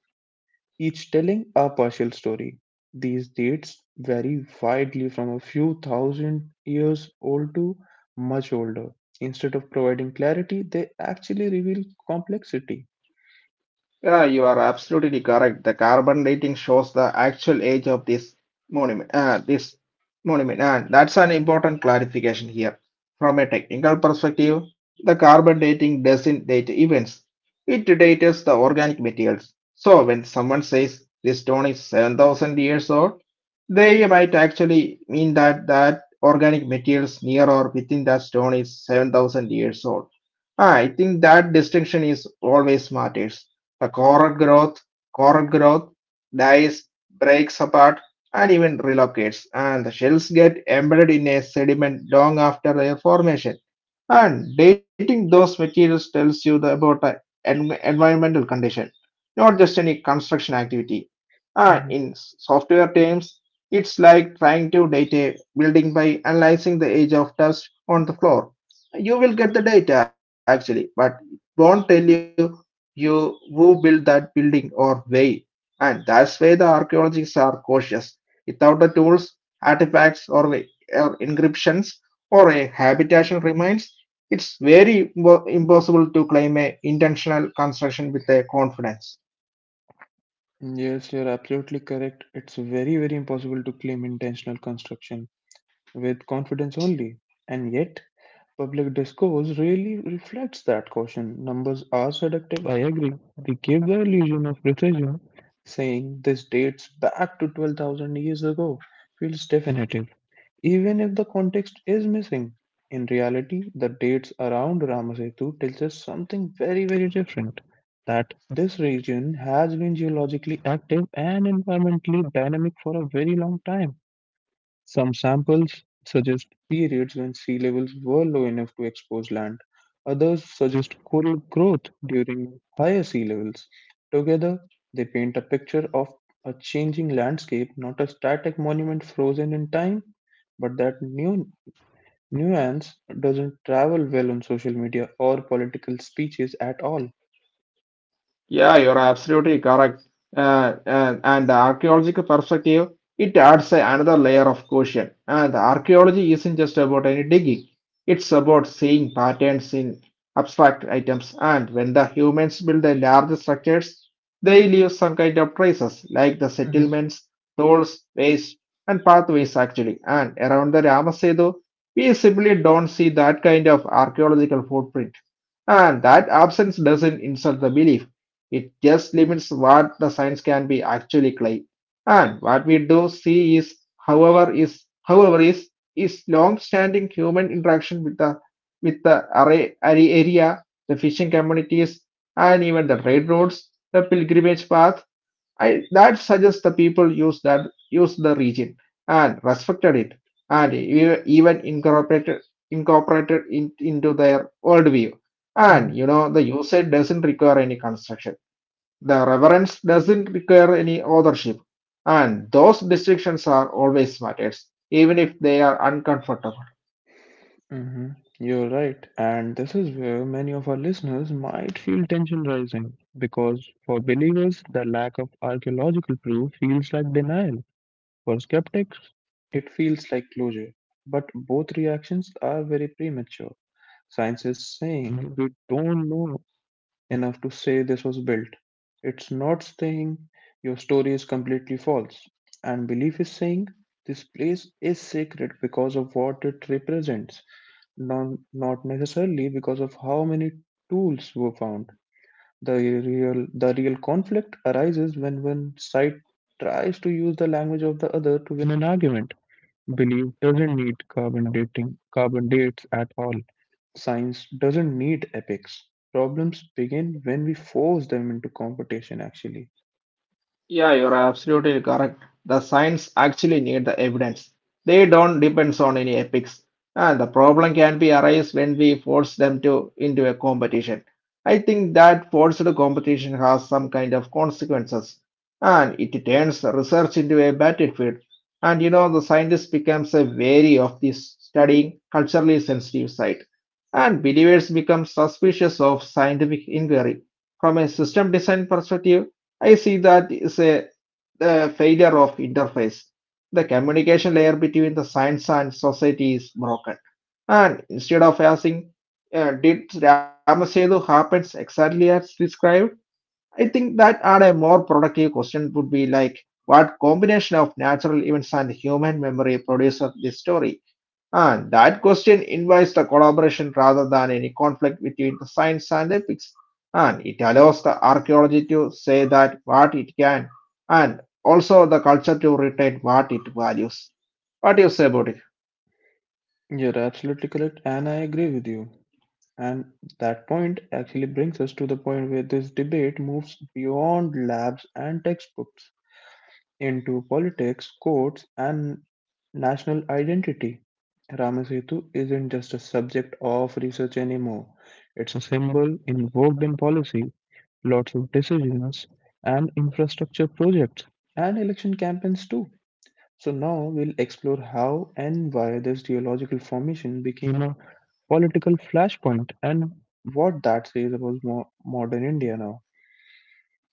each telling a partial story. These dates vary widely from a few thousand years old to much older. Instead of providing clarity, they actually reveal complexity. Yeah, you are absolutely correct. The carbon dating shows the actual age of this monument, and that's an important clarification here. From a technical perspective, the carbon dating doesn't date events; it dates the organic materials. So when someone says this stone is 7,000 years old, they might actually mean that organic materials near or within that stone is 7,000 years old. I think that distinction is always matters. The coral growth, Coral growth dies, breaks apart, and even relocates, and the shells get embedded in a sediment long after their formation. And dating those materials tells you about the environmental condition, not just any construction activity. And Mhm. in software terms, it's like trying to date a building by analyzing the age of dust on the floor. You will get the data actually, but it won't tell you you who built that building or why. And that's why the archaeologists are cautious. Without the tools, artifacts, or or encryptions, or a habitation remains, it's very impossible to claim a intentional construction with a confidence. Yes, you're absolutely correct. It's very, very impossible to claim intentional construction with confidence only. And yet, public discourse really reflects that caution. Numbers are seductive, I agree. They give the illusion of precision. Saying this dates back to 12,000 years ago feels definitive, even if the context is missing. In reality, the dates around Ramasetu tells us something very, very different. That this region has been geologically active and environmentally dynamic for a very long time. Some samples suggest periods when sea levels were low enough to expose land. Others suggest coral growth during higher sea levels. Together, they paint a picture of a changing landscape, not a static monument frozen in time, but that new nuance doesn't travel well on social media or political speeches at all. Yeah, you're absolutely correct. And the archaeological perspective, it adds another layer of caution. And the archaeology isn't just about any digging, it's about seeing patterns in abstract items. And when the humans build the large structures, they leave some kind of traces, like the Mhm. settlements, tolls, ways, and pathways actually. And around the Ramasetu, we simply don't see that kind of archaeological footprint and that absence doesn't insult the belief, it just limits what the science can be actually claim. And what we do see is, however, is long-standing human interaction with the array area, the fishing communities, and even the railroads, the pilgrimage path, that suggests the people use the region and respected it and even incorporated it into their worldview. Mhm. And you know the usage doesn't require any construction. The reverence doesn't require any authorship. And those distinctions are always matters, even if they are uncomfortable. Hmm. You're right. And this is where many of our listeners might feel tension rising because for believers, the lack of archaeological proof feels like denial. For skeptics, it feels like closure. But both reactions are very premature. Science is saying we don't know enough to say this was built. It's not saying your story is completely false. And belief is saying this place is sacred because of what it represents, none, not necessarily because of how many tools were found. The real conflict arises when one side tries to use the language of the other to win an argument. Belief doesn't need carbon dating, carbon dates at all. Science doesn't need epics. Problems begin when we force them into competition, actually. Yeah, you're absolutely correct. The science actually need the evidence. They don't depends on any epics. And the problem can be arise when we force them to into a competition. I think that forced competition has some kind of consequences, and it turns research into a battlefield. And you know, the scientist becomes a wary of this studying culturally sensitive side, and believers become suspicious of scientific inquiry. From a system design perspective, I see that is a failure of interface. The communication layer between the science and society is broken. And instead of asking, did Ramasetu happens exactly as described? I think that and a more productive question would be like, what combination of natural events and human memory produces this story? And that question invites the collaboration rather than any conflict between the science and ethics. And it allows the archaeology to say that what it can, and also the culture to retain what it values. What do you say about it? You're absolutely correct, and I agree with you. And that point actually brings us to the point where this debate moves beyond labs and textbooks, into politics, courts, and national identity. Ramasetu isn't just a subject of research anymore. It's a symbol invoked in policy, lots of decisions, and infrastructure projects, and election campaigns too. So now we'll explore how and why this geological formation became a political flashpoint and what that says about modern India now.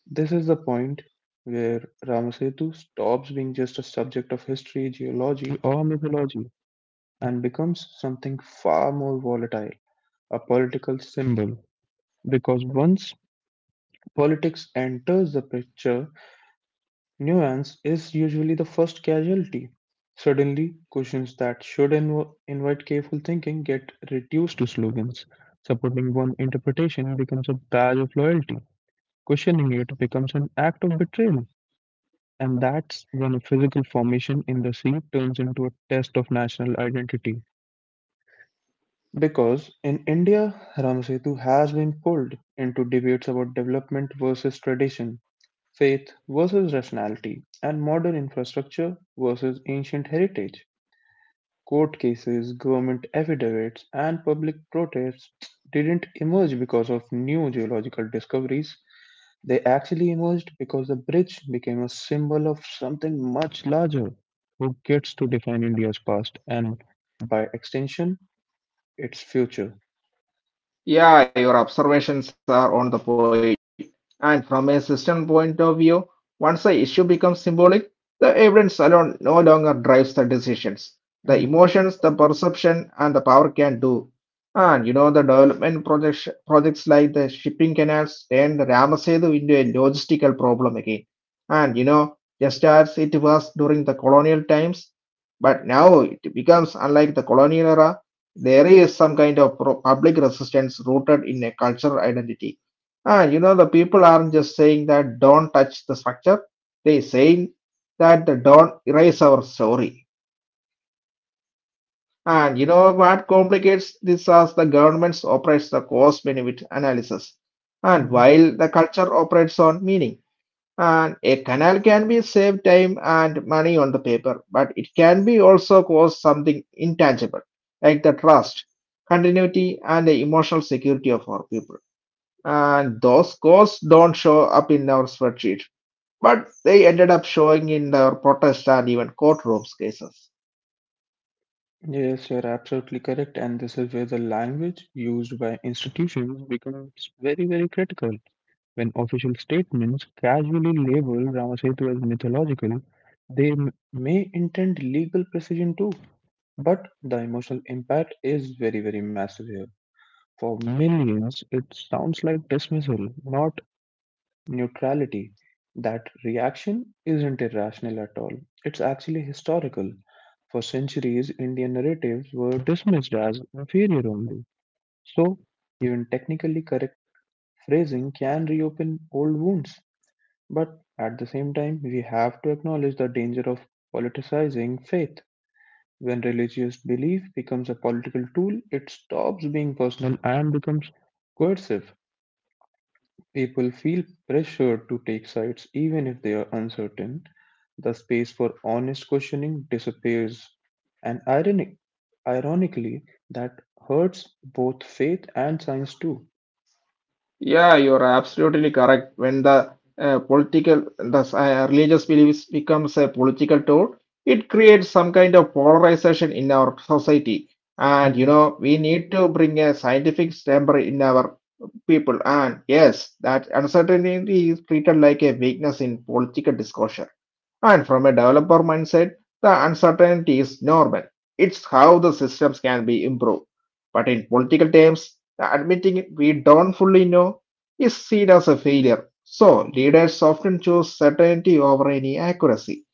This is the point where Ramasetu stops being just a subject of history, geology, or mythology and becomes something far more volatile, a political symbol. Because once politics enters the picture, nuance is usually the first casualty. Suddenly, questions that should invite careful thinking get reduced to slogans. Supporting one interpretation becomes a badge of loyalty. Questioning it becomes an act of betrayal. And that's when a physical formation in the sea turns into a test of national identity. Because in India, Ramsetu has been pulled into debates about development versus tradition, faith versus rationality, and modern infrastructure versus ancient heritage. Court cases, government affidavits, and public protests didn't emerge because of new geological discoveries. They actually emerged because the bridge became a symbol of something much larger: who gets to define India's past and, by extension, its future. Yeah, your observations are on the point. And from a system point of view, once the issue becomes symbolic, the evidence alone no longer drives the decisions. The Mm. emotions, the perception, and the power can do. And you know, projects like the shipping canals turned Ramasetu into a logistical problem again. And you know, just as it was during the colonial times, but now it becomes unlike the colonial era there is some kind of public resistance rooted in a cultural identity. You know, the people aren't just saying that don't touch the structure, they saying that the don't erase our story. And you know what complicates this as the governments operates the cost benefit analysis. And Mhm. while the culture operates on meaning, and a canal can be save time and money on the paper, but it can be also cause something intangible, like the trust, continuity, and the emotional security of our people. And those costs don't show up in our spreadsheet, but they ended up showing in our protest and even courtrooms cases. Yes, you're absolutely correct, and this is where the language used by institutions becomes very, very critical. When official statements casually label Ramasetu as mythological, they may intend legal precision too, but the emotional impact is very, very massive here. For millions, it sounds like dismissal, not neutrality. That reaction isn't irrational at all. It's actually historical. For centuries, Indian narratives were dismissed as inferior only. So, even technically correct phrasing can reopen old wounds. But at the same time, we have to acknowledge the danger of politicizing faith. When religious belief becomes a political tool, it stops being personal and becomes coercive. People feel pressured to take sides even if they are uncertain. The space for honest questioning disappears. And ironically, that hurts both faith and science too. Yeah, you're absolutely correct. When the religious beliefs becomes a political tool, it creates some kind of polarization in our society. And you Hmm. know, we need to bring a scientific temper in our people. And yes, that uncertainty is treated like a weakness in political discussion. And from a developer mindset, the uncertainty is normal. It's how the systems can be improved. But in political terms, admitting we don't fully know is seen as a failure. So leaders often choose certainty over any accuracy.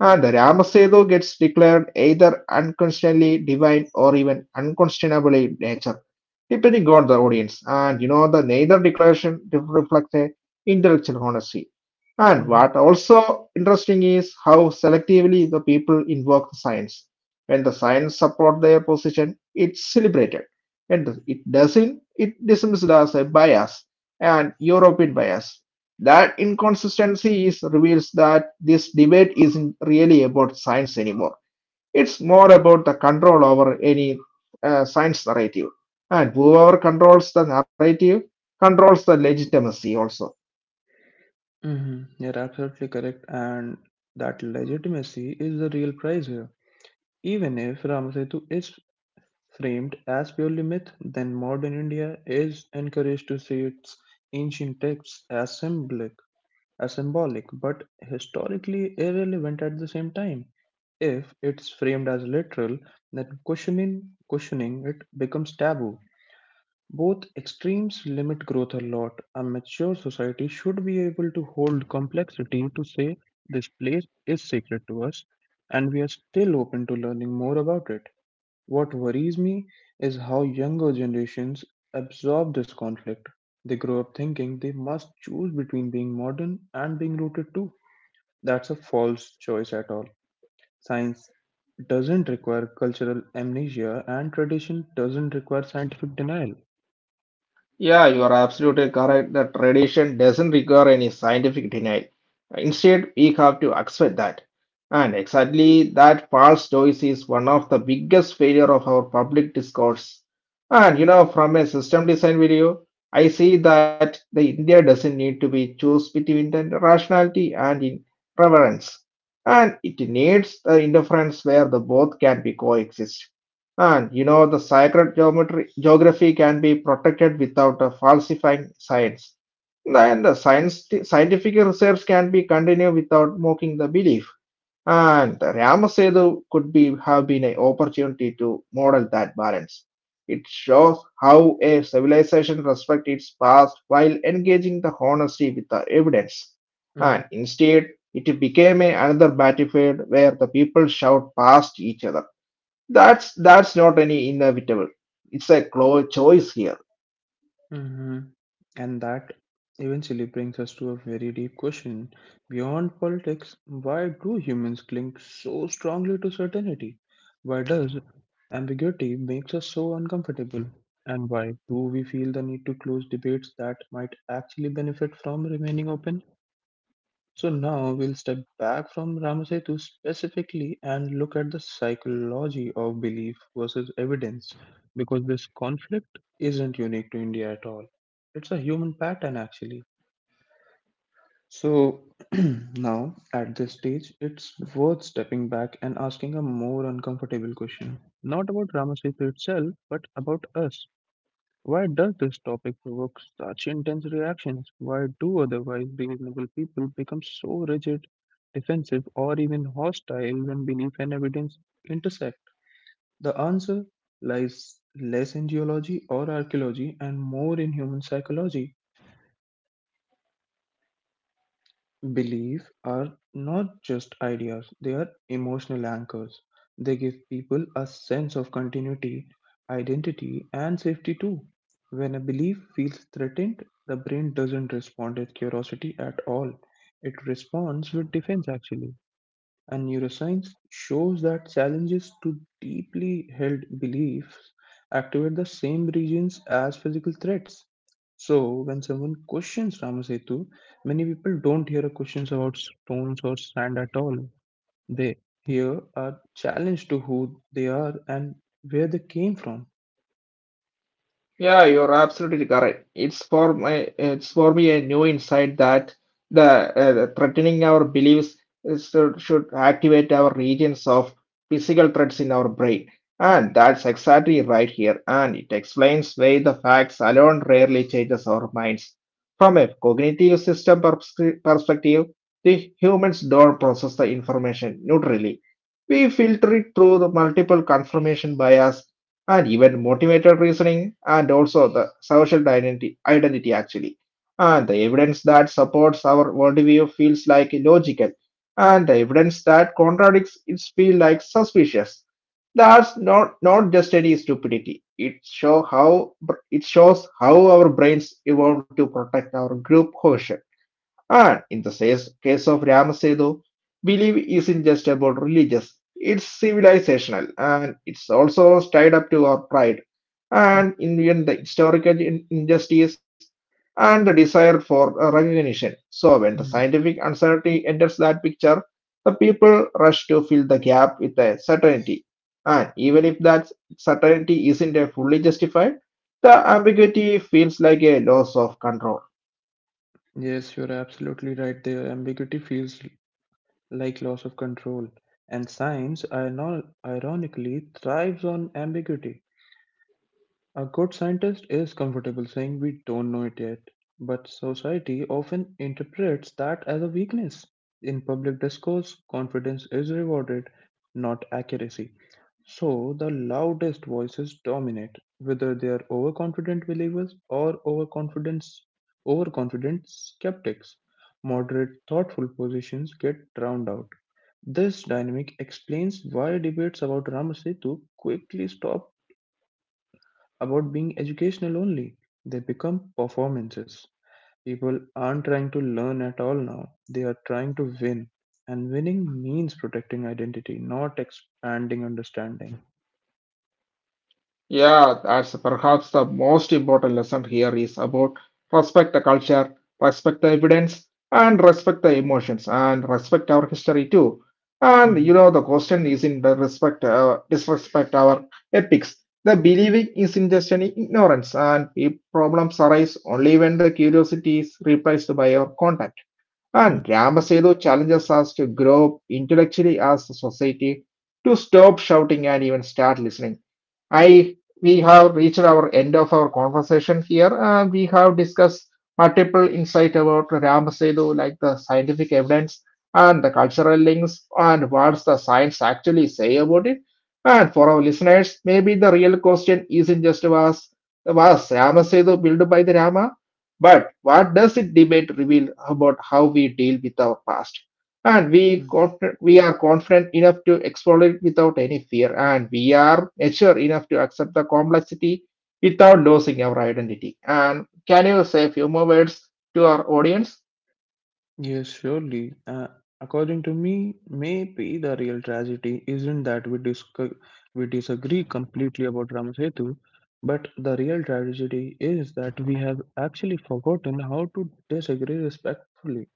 The Ramasedu gets declared either unquestionably divine or even unquestionably nature, depending on the audience. And you know, the neither declaration reflects a intellectual honesty. And Hmm. what also interesting is how selectively the people invoke the science. When the science support their position, it's celebrated. And it doesn't, it dismissed as a bias and European bias. That inconsistency is, reveals that this debate isn't really about science anymore. It's more about the control over any science narrative. And whoever controls the narrative controls the legitimacy also. Hmm. You're absolutely correct. And that legitimacy is the real prize here. Even if Ramasetu is framed as purely myth, then modern India is encouraged to see its ancient texts as symbolic, but historically irrelevant at the same time. If it's framed as literal, then questioning it becomes taboo. Both extremes limit growth a lot. A mature society should be able to hold complexity, to say this place is sacred to us and we are still open to learning more about it. What worries me is how younger generations absorb this conflict. They grow up thinking they must choose between being modern and being rooted too. That's a false choice at all. Science doesn't require cultural amnesia, and tradition doesn't require scientific denial. Yeah, you are absolutely correct. The tradition doesn't require any scientific denial. Instead, we have to accept that. And exactly that false choice is one of the biggest failure of our public discourse. And you know, from a system design video, I see that the India doesn't need to be choose between the rationality and in reverence. And it needs the interference where the both can be coexist. And you know, geography can be protected without falsifying science. Then scientific research can be continued without mocking the belief. And Ramasetu could be have been an opportunity to model that balance. It shows how a civilization respects its past while engaging the honesty with the evidence. Mhm. And instead, it became a another battlefield where the people shout past each other. That's not any inevitable. It's a choice here. Hmm. And that eventually brings us to a very deep question. Beyond politics, why do humans cling so strongly to certainty? Why does ambiguity makes us so uncomfortable? And why do we feel the need to close debates that might actually benefit from remaining open? So now we'll step back from Ramasetu specifically and look at the psychology of belief versus evidence because this conflict isn't unique to India at all. It's a human pattern actually. So now at this stage, it's worth stepping back and asking a more uncomfortable question. Not about Ramasetu itself, but about us. Why does this topic provoke such intense reactions? Why do otherwise reasonable people become so rigid, defensive, or even hostile when belief and evidence intersect? The answer lies less in geology or archaeology and more in human psychology. Belief are not just ideas, they are emotional anchors. They give people a sense of continuity, identity, and safety too. When a belief feels threatened, the brain doesn't respond with curiosity at all. It responds with defense actually, and neuroscience shows that challenges to deeply held beliefs activate the same regions as physical threats. So, when someone questions Ramasetu, many people don't hear questions about stones or sand at all. They hear a challenge to who they are and where they came from. Yeah, you're absolutely correct. It's it's for me a new insight that the threatening our beliefs is, should activate our regions of physical threats in our brain. And that's exactly right here. And it explains why the facts alone rarely changes our minds. From a cognitive system perspective, the humans don't process the information neutrally. We filter it through the multiple confirmation bias and even motivated reasoning and also the social identity actually. And the evidence that supports our worldview feels like illogical, and the evidence that contradicts it feels like suspicious. That's not just any stupidity. It show how it shows how our brains evolved to protect our group cohesion. And in the case of Ramasetu, belief isn't just about religious, it's civilizational and it's also tied up to our pride and in the end, the historical injustice and the desire for recognition. So, when the Mm. scientific uncertainty enters that picture, the people rush to fill the gap with a certainty. And even if that certainty isn't fully justified, the ambiguity feels like a loss of control. Yes, you're absolutely right there. Ambiguity feels like loss of control, and science, ironically, thrives on ambiguity. A good scientist is comfortable saying we don't know it yet, but society often interprets that as a weakness. In public discourse, confidence is rewarded, not accuracy. So the loudest voices dominate, whether they are overconfident believers or overconfident skeptics. Moderate, thoughtful positions get drowned out. This dynamic explains why debates about Rama Setu quickly stop about being educational only. They become performances. People aren't trying to learn at all now, they are trying to win. And winning means protecting identity, not expanding understanding. Yeah, that's perhaps the most important lesson here is about respect the culture, respect the evidence, and respect the emotions, and respect our history too. And Mhm. you know, the question is in the respect, disrespect our epics. The believing is in just an ignorance, and if problems arise only when the curiosity is replaced by our contact. And Mhm. Ramasedu challenges us to grow up intellectually as a society, to stop shouting and even start listening I we have reached our end of our conversation here. We have discussed multiple insight about Ramasetu, like the scientific evidence and the cultural links, and what's the science actually say about it. And for our listeners, maybe the real question isn't just was Ramasetu built by the Rama, but what does it debate reveal about how we deal with our past? And Mhm. We are confident enough to explore it without any fear and we are mature enough to accept the complexity without losing our identity and can you say a few more words to our audience. Yes, surely. According to me, maybe the real tragedy isn't that we disagree completely about Ramasetu, but the real tragedy is that we have actually forgotten how to disagree respectfully.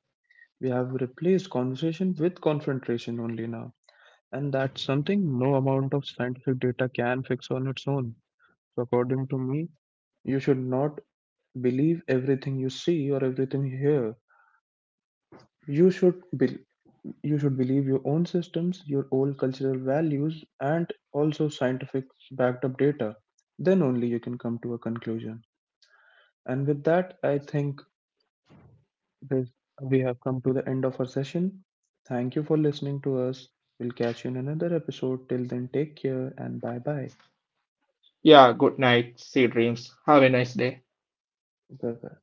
We have replaced conversation with confrontation only now, and that's something no amount of scientific data can fix on its own. So, according to me, you should not believe everything you see or everything you hear. You should be- you should believe your own systems, your own cultural values, and also scientific backed up data. Then only you can come to a conclusion. And with that, I think With we have come to the end of our session. Thank you for listening to us. We'll catch you in another episode. Till then, take care and bye bye. Yeah, good night, see you dreams, have a nice day. Bye bye.